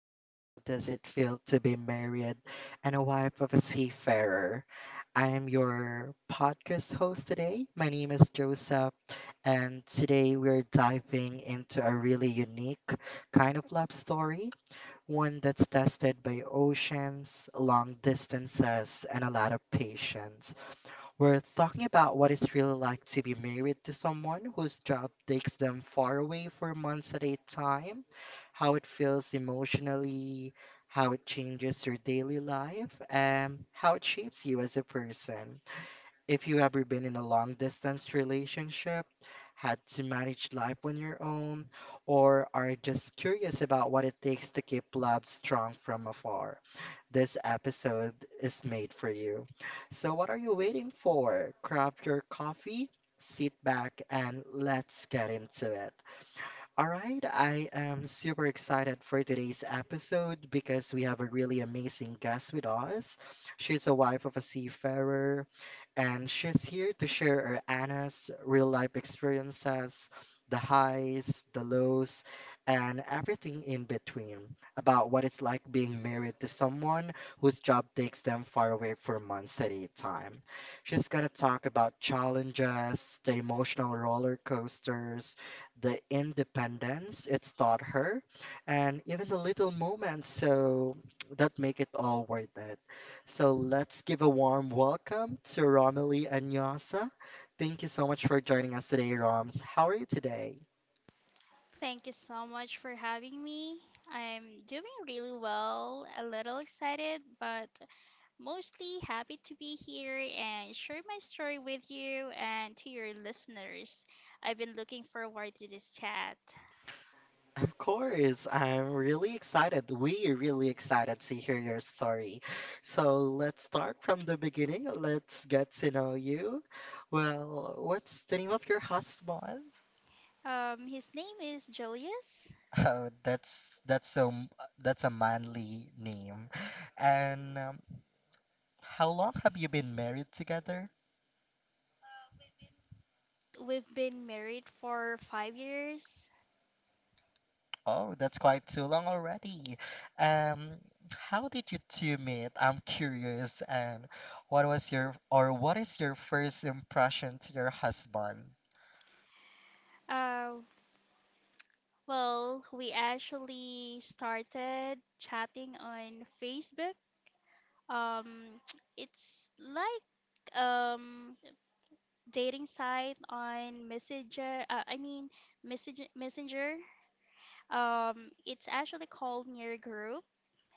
to How Does It Feel to Be Married and a Wife of a Seafarer? I'm your podcast host today. My name is Joseph, and today we're diving into a really unique kind of love story, one that's tested by oceans, long distances, and a lot of patience. We're talking about what it's really like to be married to someone whose job takes them far away for months at a time, how it feels emotionally, how it changes your daily life, and how it shapes you as a person. If you ever been in a long distance relationship, had to manage life on your own, or are just curious about what it takes to keep love strong from afar. This episode is made for you. So, what are you waiting for? Grab your coffee, sit back, and let's get into it. All right, I am super excited for today's episode because we have a really amazing guest with us. She's a wife of a seafarer, and she's here to share her Anna's real life experiences, the highs, the lows, and everything in between about what it's like being married to someone whose job takes them far away for months at a time. She's gonna talk about challenges, the emotional roller coasters, the independence it's taught her, and even the little moments so that make it all worth it. So let's give a warm welcome to Romilly and Yasa. Thank you so much for joining us today, Roms. How are you today? Thank you so much for having me. I'm doing really well, a little excited, but mostly happy to be here and share my story with you and to your listeners. I've been looking forward to this chat. Of course, I'm really excited. We're really excited to hear your story. So let's start from the beginning. Let's get to know you. Well, what's the name of your husband? His name is Julius. Oh, that's so that's a manly name. And how long have you been married together? We've been married for 5 years. Oh, that's quite too long already. Um, how did you two meet? I'm curious. And what was your or what is your first impression to your husband? Uh, well, we actually started chatting on Facebook. Um, it's like um dating site on Messenger. I mean message Messenger. It's actually called Near Group.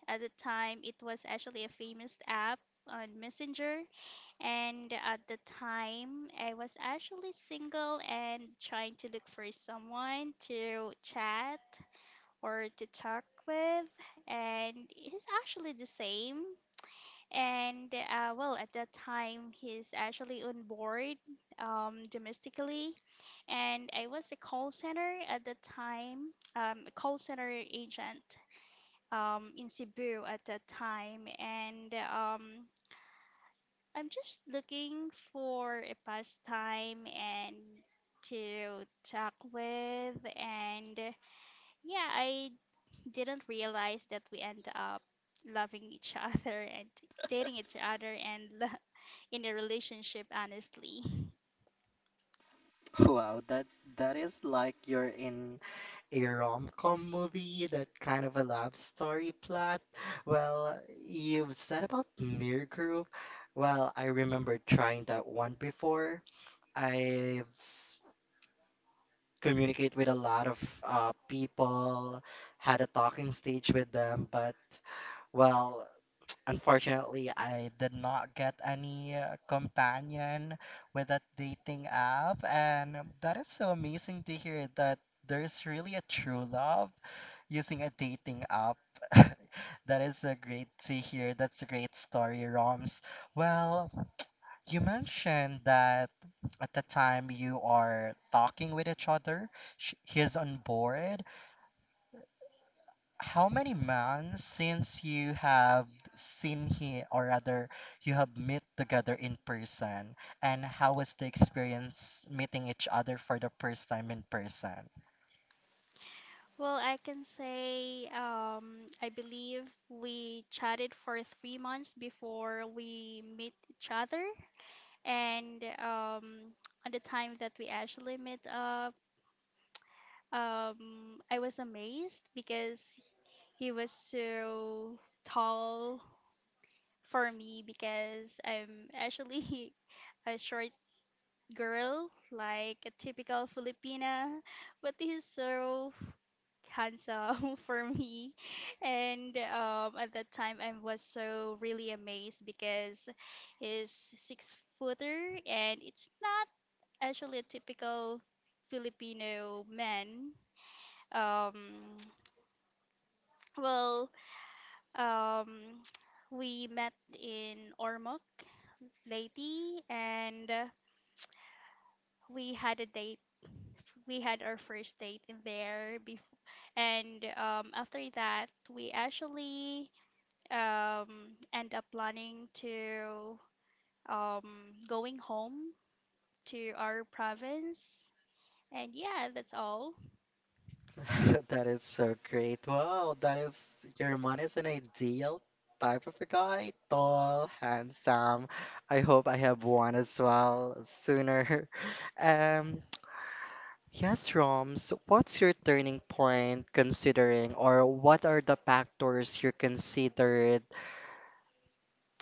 At the time, it was actually a famous app on Messenger, and at the time, I was actually single and trying to look for someone to chat or to talk with, and he's actually the same. And well, at that time, he's actually on board domestically, and I was a call center at the time, a call center agent, in Cebu at that time, and I'm just looking for a pastime and to talk with, and yeah, I didn't realize that we end up loving each other and dating each other and in a relationship honestly. Wow, that is like you're in a rom-com movie, that kind of a love story plot. Well, you've said about near group. Well, I remember trying that one before. I've s- communicate with a lot of people, had a talking stage with them, but well, unfortunately, I did not get any companion with that dating app, and that is so amazing to hear that there's really a true love using a dating app. That is a great to hear. That's a great story, Roms. Well, you mentioned that at the time you are talking with each other, he's on board. How many months since you have seen him, or rather, you have met together in person? And how was the experience meeting each other for the first time in person? Well, I can say I believe we chatted for 3 months before we meet each other, and on the time that we actually met up, I was amazed because he was so tall for me because I'm actually a short girl, like a typical Filipina, but he's so handsome for me. And at that time, I was so really amazed because he's six footer, and it's not actually a typical Filipino man. Um, well, um, we met in Ormoc, Leyte, and we had a date. We had our first date in there before, and after that, we actually end up planning to going home to our province. And yeah, that's all. That is so great. Wow, that is your man is an ideal type of a guy. Tall, handsome. I hope I have one as well sooner. Um, yes, Roms, what's your turning point considering, or what are the factors you considered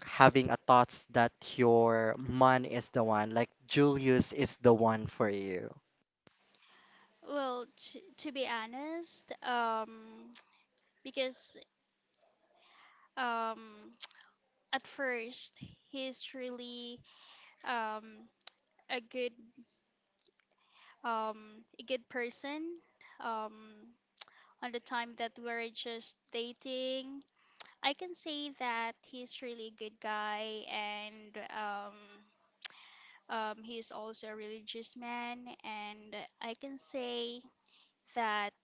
having a thoughts that your man is the one, like Julius is the one for you? Well, to be honest, because um, at first he's really um, a good a good person. Um, on the time that we were just dating, I can say that he's really a good guy and he is also a religious man, and I can say that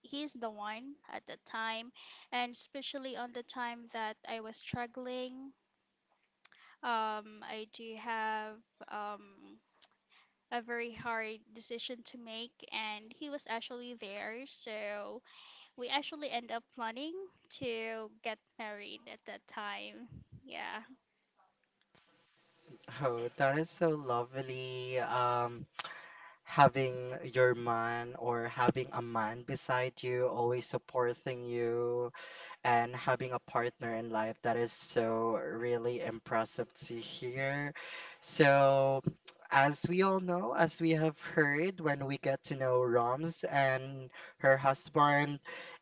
he's the one at the time, and especially on the time that I was struggling. I do have um, a very hard decision to make, and he was actually there. So we actually end up planning to get married at that time. Yeah. Oh, that is so lovely. Having your man or having a man beside you, always supporting you, and having a partner in life. That is so really impressive to hear. So, as we all know, as we have heard, when we get to know Roms and her husband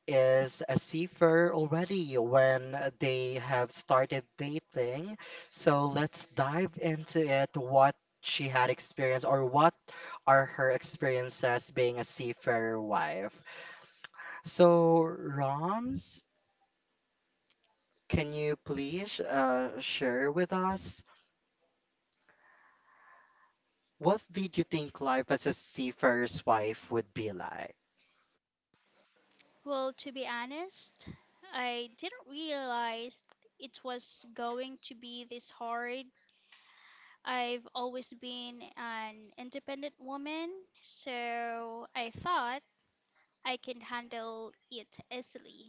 is a seafarer already when they have started dating. So, let's dive into it. What she had experienced, or what are her experiences being a seafarer wife? So, Roms, can you please share with us what did you think life as a seafarer's wife would be like? Well, to be honest, I didn't realize it was going to be this hard. I've always been an independent woman, so I thought I can handle it easily.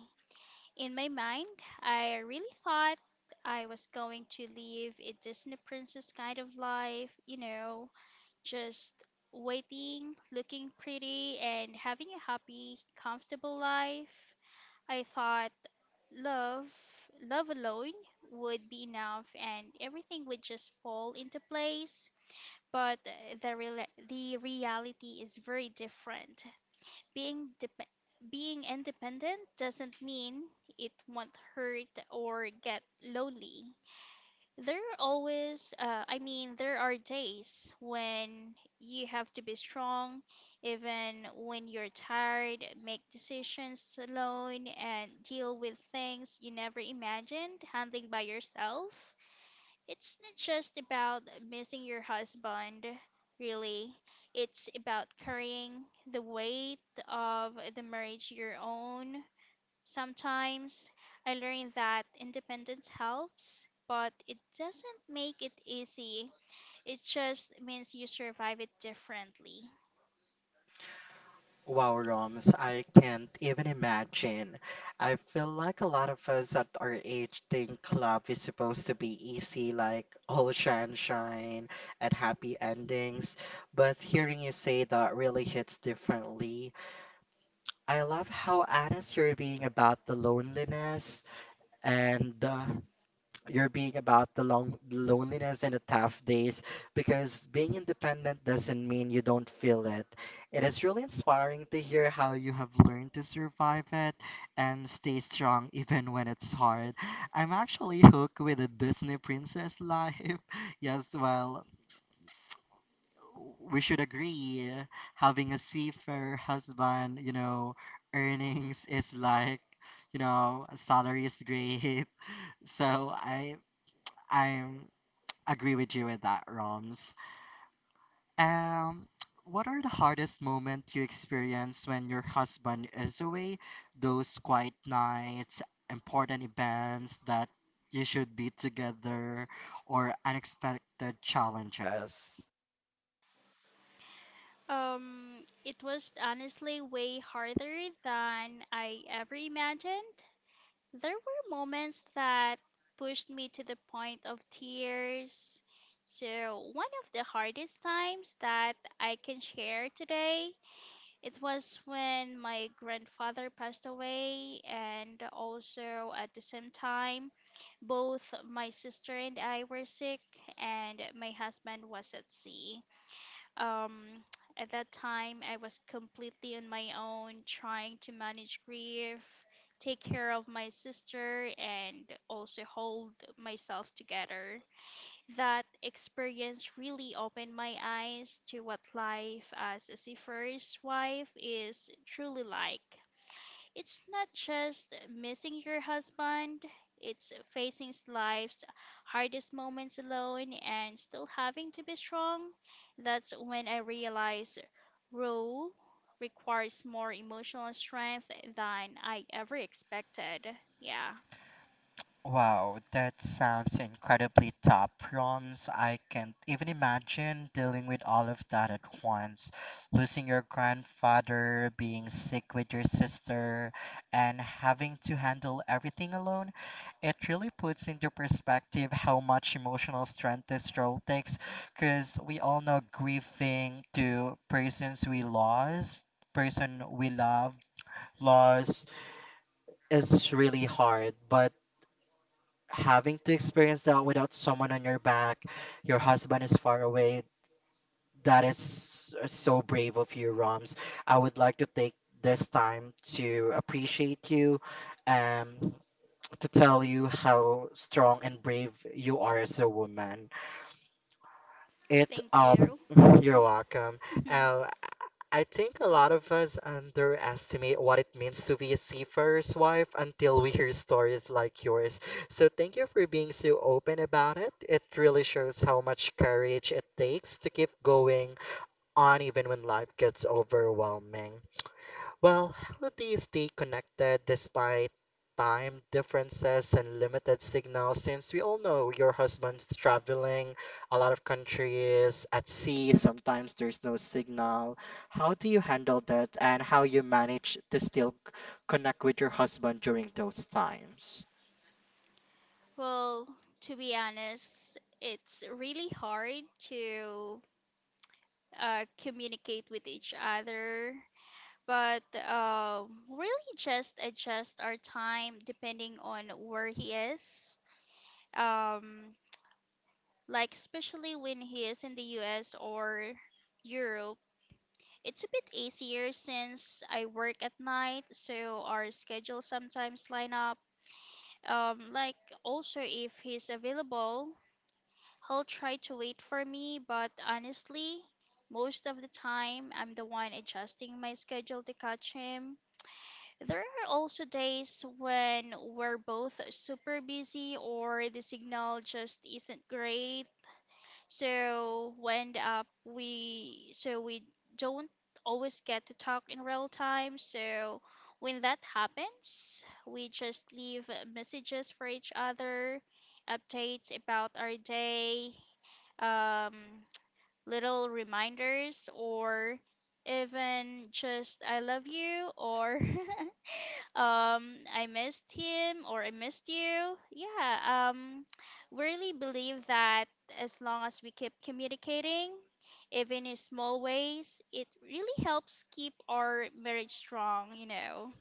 In my mind, I really thought I was going to live a Disney princess kind of life, you know, just waiting, looking pretty, and having a happy, comfortable life. I thought Love, love alone would be enough and everything would just fall into place. But the real the reality is very different. Being dep Being independent doesn't mean it won't hurt or get lonely. There are I mean, there are days when you have to be strong, even when you're tired, make decisions alone, and deal with things you never imagined handling by yourself. It's not just about missing your husband, really. It's about carrying the weight of the marriage your own. Sometimes I learned that independence helps, but it doesn't make it easy. It just means you survive it differently. Wow, Roms, I can't even imagine. I feel like a lot of us at our age think love is supposed to be easy, like all sunshine and happy endings. But hearing you say that really hits differently. I love how honest you're being about the loneliness and you're being about the long the loneliness and the tough days because being independent doesn't mean you don't feel it. It is really inspiring to hear how you have learned to survive it and stay strong even when it's hard. I'm actually hooked with a Disney princess life. Yes, well, we should agree having a seafarer husband, you know, earnings is like, you know, salary is great. So I I'm agree with you with that, Roms. Um, what are the hardest moments you experience when your husband is away? Those quiet nights, important events that you should be together, or unexpected challenges? It was honestly way harder than I ever imagined. There were moments that pushed me to the point of tears. So, one of the hardest times that I can share today, it was when my grandfather passed away, and also at the same time, both my sister and I were sick, and my husband was at sea. Um, at that time, I was completely on my own, trying to manage grief, take care of my sister, and also hold myself together. That experience really opened my eyes to what life as a seafarer's wife is truly like. It's not just missing your husband, it's facing life's hardest moments alone and still having to be strong. That's when I realized role requires more emotional strength than I ever expected. Yeah. Wow, that sounds incredibly tough. Proms, I can't even imagine dealing with all of that at once. Losing your grandfather, being sick with your sister, and having to handle everything alone. It really puts into perspective how much emotional strength this role takes, because we all know grieving to persons we lost, person we love, loss is really hard, but having to experience that without someone on your back, your husband is far away, that is so brave of you, Roms. I would like to take this time to appreciate you and to tell you how strong and brave you are as a woman. It Thank you. you're welcome. Uh, I think a lot of us underestimate what it means to be a seafarer's wife until we hear stories like yours. So thank you for being so open about it. It really shows how much courage it takes to keep going on even when life gets overwhelming. Well, how do you stay connected despite time differences and limited signals? Since we all know your husband's traveling a lot of countries at sea, sometimes there's no signal. How do you handle that and how you manage to still connect with your husband during those times? Well, to be honest, it's really hard to communicate with each other, but uh, really just adjust our time depending on where he is. Um, especially when he is in the US or Europe, it's a bit easier since I work at night, so our schedules sometimes line up. Um, like, also, if he's available, he'll try to wait for me, but honestly, most of the time I'm the one adjusting my schedule to catch him. There are also days when we're both super busy or the signal just isn't great. So we end up we so we don't always get to talk in real time. So when that happens, we just leave messages for each other, updates about our day, um, little reminders or even just I love you or I missed him or I missed you. Yeah, we really believe that as long as we keep communicating, even in small ways, it really helps keep our marriage strong, you know.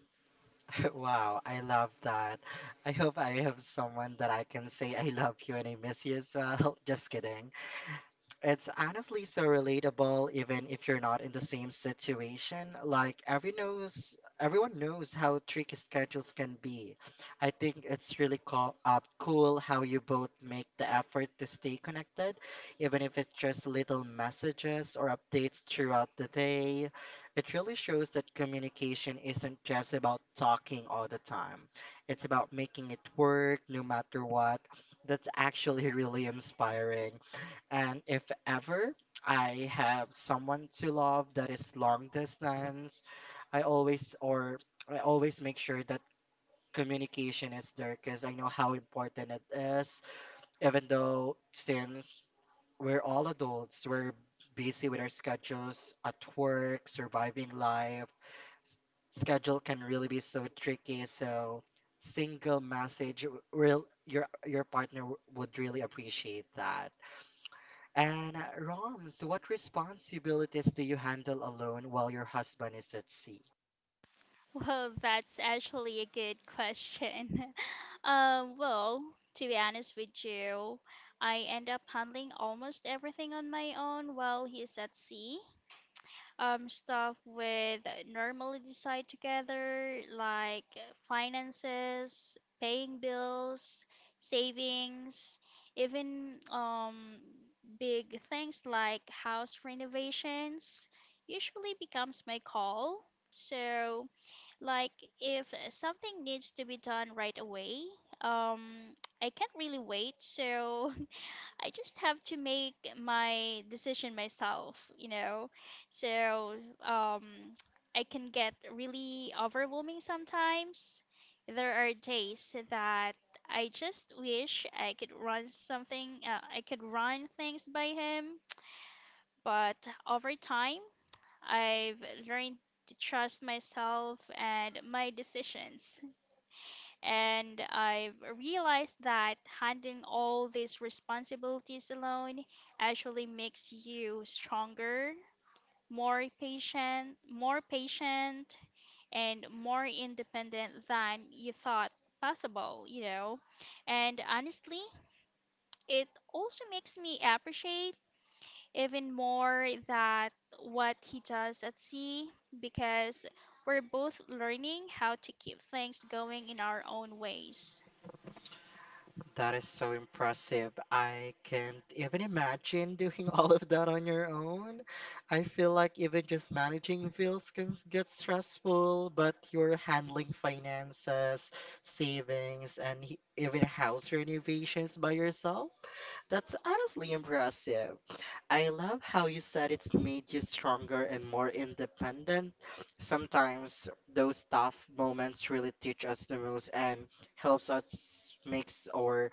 Wow, I love that. I hope I have someone that I can say I love you and I miss you as well. Just kidding. It's honestly so relatable, even if you're not in the same situation. Like every knows, everyone knows how tricky schedules can be. I think it's really co cool how you both make the effort to stay connected, even if it's just little messages or updates throughout the day. It really shows that communication isn't just about talking all the time. It's about making it work no matter what. That's actually really inspiring. And if ever I have someone to love that is long distance, I always or I always make sure that communication is there because I know how important it is. Even though since we're all adults, we're busy with our schedules at work, surviving life. Schedule can really be so tricky, so single message will your partner would really appreciate that. And Roms, what responsibilities do you handle alone while your husband is at sea? Well, that's actually a good question. Well, to be honest with you, I end up handling almost everything on my own while he's at sea. Stuff with normally decide together, like finances, paying bills, savings, even big things like house renovations usually becomes my call. So, like, if something needs to be done right away, um, I can't really wait, so I just have to make my decision myself, you know. So um, I can get really overwhelming sometimes. There are days that I just wish I could run I could run things by him, but over time, I've learned to trust myself and my decisions. And I realized that handling all these responsibilities alone actually makes you stronger, more patient, and more independent than you thought possible, you know. And honestly, it also makes me appreciate even more that what he does at sea because we're both learning how to keep things going in our own ways. That is so impressive. I can't even imagine doing all of that on your own. I feel like even just managing bills can get stressful, but you're handling finances, savings, and even house renovations by yourself. That's honestly impressive. I love how you said it's made you stronger and more independent. Sometimes those tough moments really teach us the most and helps us makes or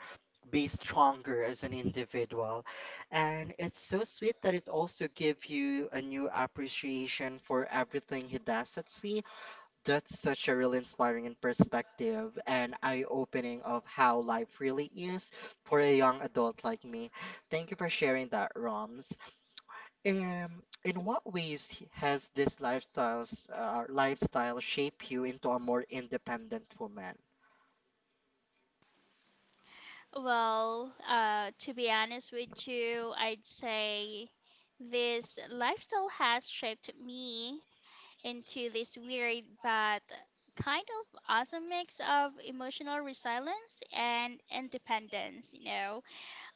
be stronger as an individual. And it's so sweet that it also gives you a new appreciation for everything he does at sea. That's such a really inspiring perspective and eye-opening of how life really is for a young adult like me. Thank you for sharing that, Roms. In what ways has this lifestyle shaped you into a more independent woman? Well, to be honest with you, I'd say this lifestyle has shaped me into this weird but kind of awesome mix of emotional resilience and independence. You know,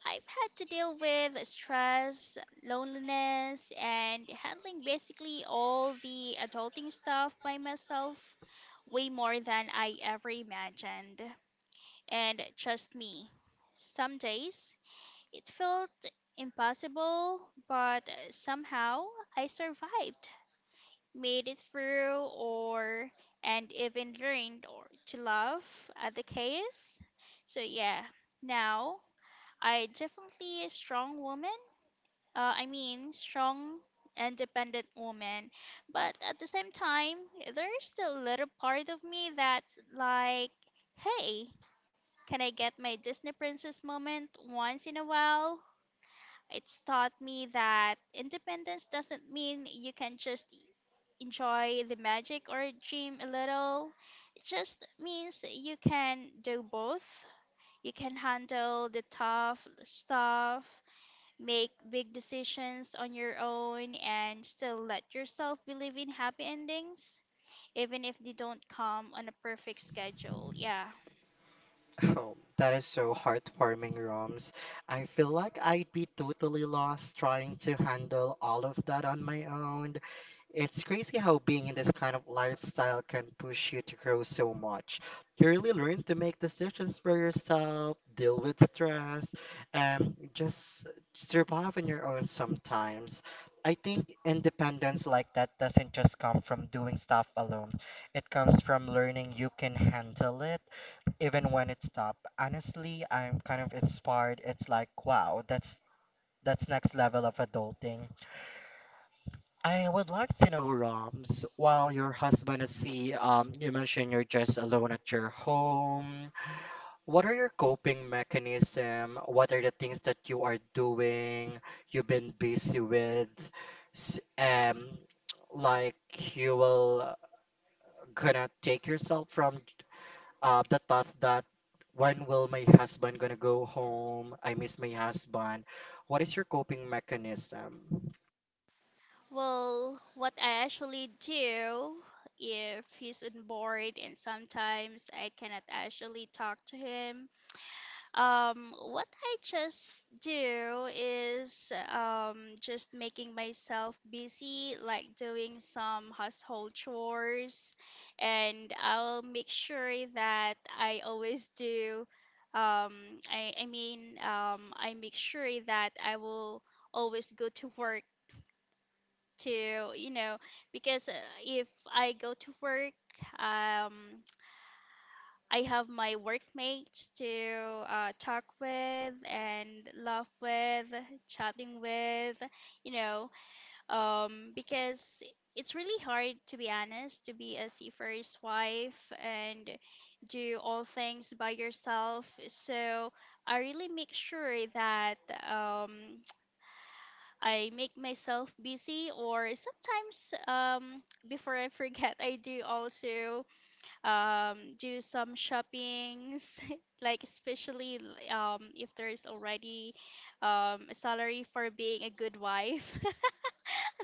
I've had to deal with stress, loneliness, and handling basically all the adulting stuff by myself way more than I ever imagined. And trust me, some days it felt impossible, but somehow I survived, made it through, or and even learned or to love, at the chaos. So yeah, now I definitely a strong woman. I mean, strong, independent woman. But at the same time, there's still a little part of me that's like, hey. Can I get my Disney princess moment once in a while? It's taught me that independence doesn't mean you can just enjoy the magic or dream a little. It just means you can do both. You can handle the tough stuff, make big decisions on your own, and still let yourself believe in happy endings, even if they don't come on a perfect schedule. Yeah. Oh, that is so heartwarming, Roms. I feel like I'd be totally lost trying to handle all of that on my own. It's crazy how being in this kind of lifestyle can push you to grow so much. You really learn to make decisions for yourself, deal with stress, and just survive on your own sometimes. I think independence like that doesn't just come from doing stuff alone. It comes from learning you can handle it even when it's top. Honestly, I'm kind of inspired. It's like, wow, that's next level of adulting. I would like to know, Roms, while your husband is sea, you mentioned you're just alone at your home. What are your coping mechanism? What are the things that you are doing? You've been busy with, S- um, like you will gonna take yourself from the thought that when will my husband gonna go home? I miss my husband. What is your coping mechanism? Well, what I actually do if he's on board and sometimes I cannot actually talk to him, what I just do is just making myself busy, like doing some household chores, and I'll make sure that I always do. Um, I mean, I make sure that I will always go to work to you know because if I go to work um I have my workmates to talk with and laugh with chatting with you know because it's really hard to be honest to be a seafarer's wife and do all things by yourself, so I really make sure that um I make myself busy, or sometimes before I forget, I do also do some shoppings, like especially if there is already a salary for being a good wife.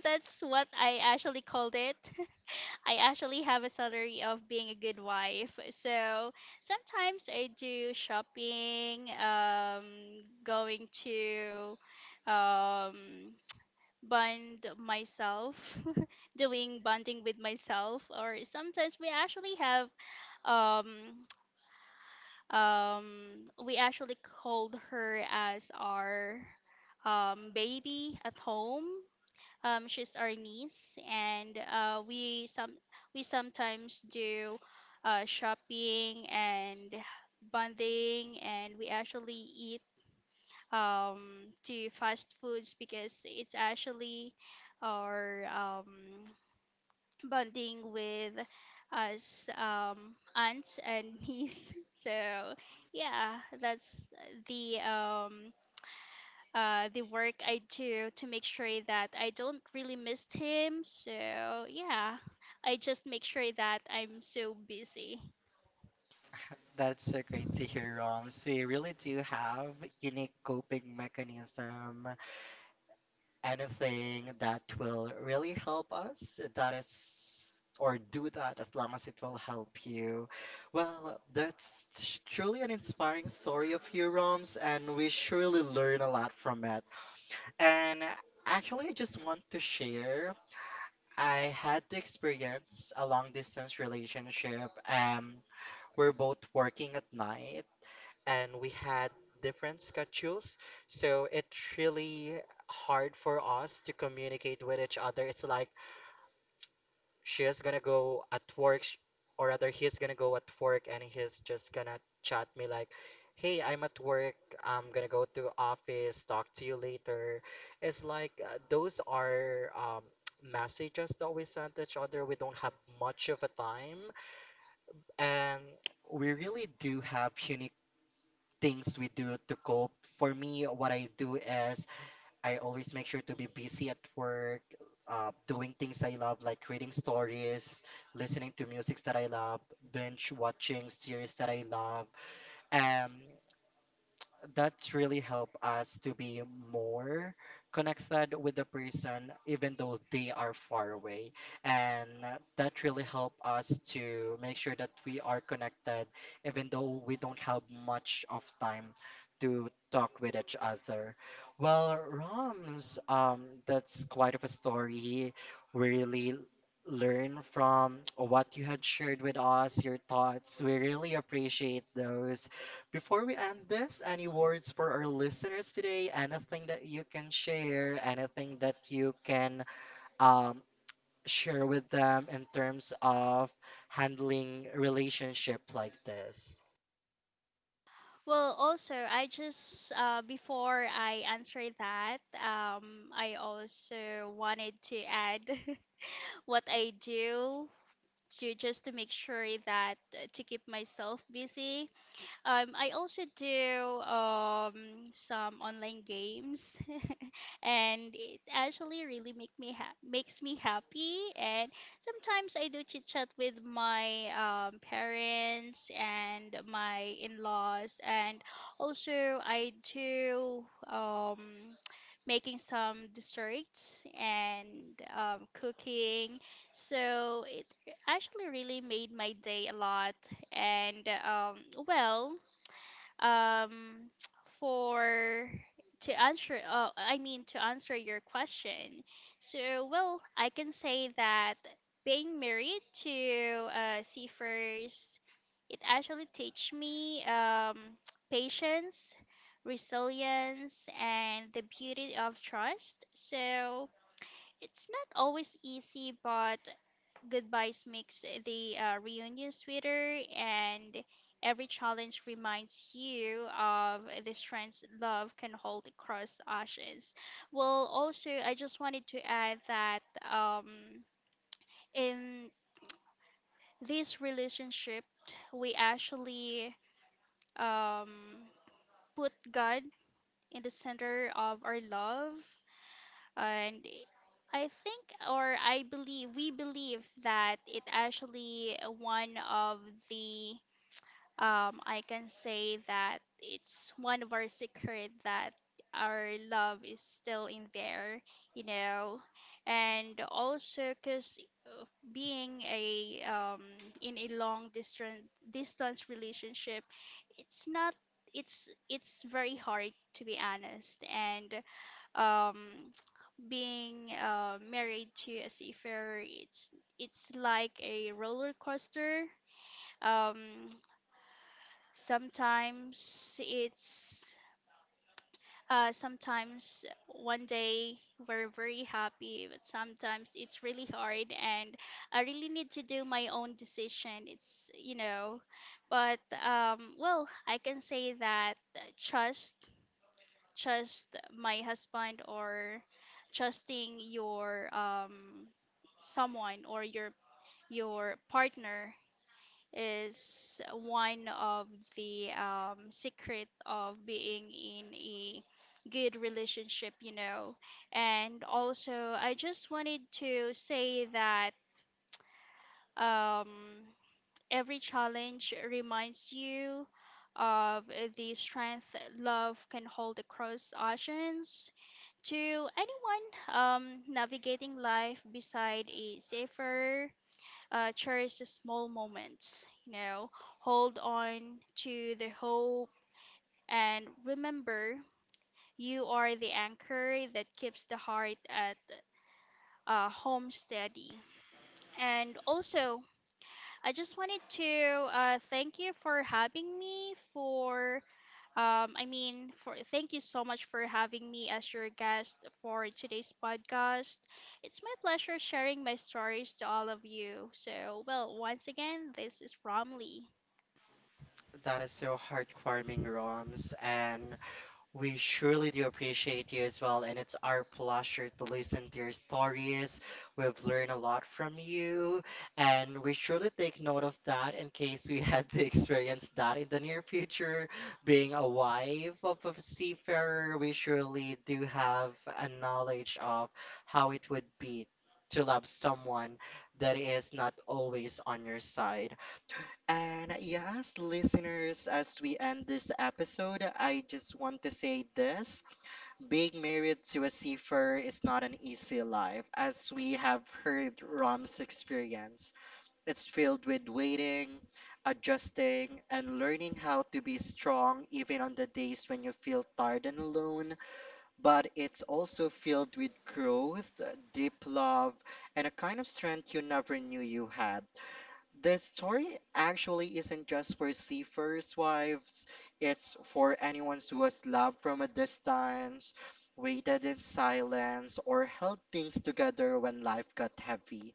That's what I actually called it. I actually have a salary of being a good wife. So sometimes I do shopping, going to um bond myself doing bonding with myself, or sometimes we actually have um we actually called her as our baby at home, she's our niece, and we sometimes do shopping and bonding, and we actually eat to fast foods because it's actually or bonding with us aunts and niece. So yeah, that's the um, the work I do to make sure that I don't really miss him. So yeah, I just make sure that I'm so busy. That's so great to hear, Roms. We really do have unique coping mechanism, anything that will really help us, that is, or do that as long as it will help you. Well, that's truly an inspiring story of you, Roms, and we surely learn a lot from it. And actually, I just want to share. I had the experience a long distance relationship. We're both working at night and we had different schedules. So it's really hard for us to communicate with each other. It's like she's gonna go at work, sh- or rather, he's gonna go at work and he's just gonna chat me like, "Hey, I'm at work. I'm gonna go to office. Talk to you later." It's like those are messages that we send each other. We don't have much of a time, and we really do have unique things we do to cope. For me, what I do is I always make sure to be busy at work, doing things I love, like reading stories, listening to music that I love, binge watching series that I love. Um, that's really help us to be more connected with the person even though they are far away and that really help us to make sure that we are connected even though we don't have much of time to talk with each other. Well, Rams, that's quite of a story. We really learn from what you had shared with us. Your thoughts, we really appreciate those. Before we end this, any words for our listeners today? Anything that you can share? Anything that you can um, share with them in terms of handling relationship like this? Well, also I just before I answer that, I also wanted to add what I do to just to make sure that to keep myself busy. I also do some online games, and it actually really makes me happy, and sometimes I do chit chat with my parents and my in-laws, and also I do making some desserts and cooking, so it actually really made my day a lot. And well um for to answer I mean, to answer your question, so well, I can say that being married to seafarers, it actually teach me patience, resilience, and the beauty of trust. So it's not always easy, but goodbyes makes the reunion sweeter, and every challenge reminds you of the strengths love can hold across oceans. Well, also, I just wanted to add that um, in this relationship, we actually um, put God in the center of our love, and I think, or I believe, we believe that it actually one of the I can say that it's one of our secret that our love is still in there, you know, and also because being a in a long distance relationship, it's not it's it's very hard to be honest, and um being married to a seafarer, it's like a roller coaster. um Sometimes it's Sometimes one day we're very happy, but sometimes it's really hard, and I really need to do my own decision. It's you know, but well, I can say that trust, trust my husband or trusting your someone or your partner is one of the secret of being in a good relationship, you know. And also I just wanted to say that um, every challenge reminds you of the strength love can hold across oceans. To anyone navigating life beside a safer, cherish the small moments, you know, hold on to the hope, and remember you are the anchor that keeps the heart at home steady. And also, I just wanted to thank you for having me for I mean, for thank you so much for having me as your guest for today's podcast. It's my pleasure sharing my stories to all of you. So, well, once again, this is Romley. That is so heartwarming, Roms. And we surely do appreciate you as well, and it's our pleasure to listen to your stories. We've learned a lot from you, and we surely take note of that in case we had to experience that in the near future. Being a wife of a seafarer, we surely do have a knowledge of how it would be to love someone that is not always on your side. And yes, listeners, as we end this episode, I just want to say this. Being married to a seafarer is not an easy life, as we have heard Ram's experience. It's filled with waiting, adjusting, and learning how to be strong even on the days when you feel tired and alone. But it's also filled with growth, deep love, and a kind of strength you never knew you had. This story actually isn't just for seafarers' wives, it's for anyone who was loved from a distance, waited in silence, or held things together when life got heavy.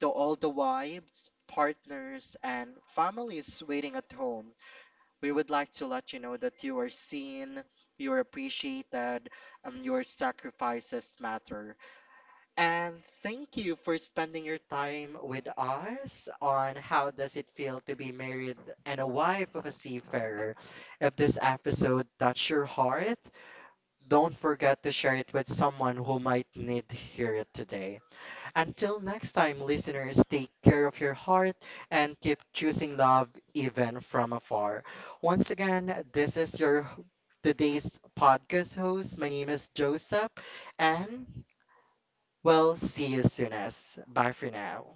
To all the wives, partners, and families waiting at home, we would like to let you know that you are seen, you are appreciated, and your sacrifices matter. And thank you for spending your time with us on how does it feel to be married and a wife of a seafarer. If this episode touched your heart, don't forget to share it with someone who might need to hear it today. Until next time, listeners, take care of your heart and keep choosing love even from afar. Once again, this is your today's podcast host. My name is Joseph and well, see you soonest. Bye for now.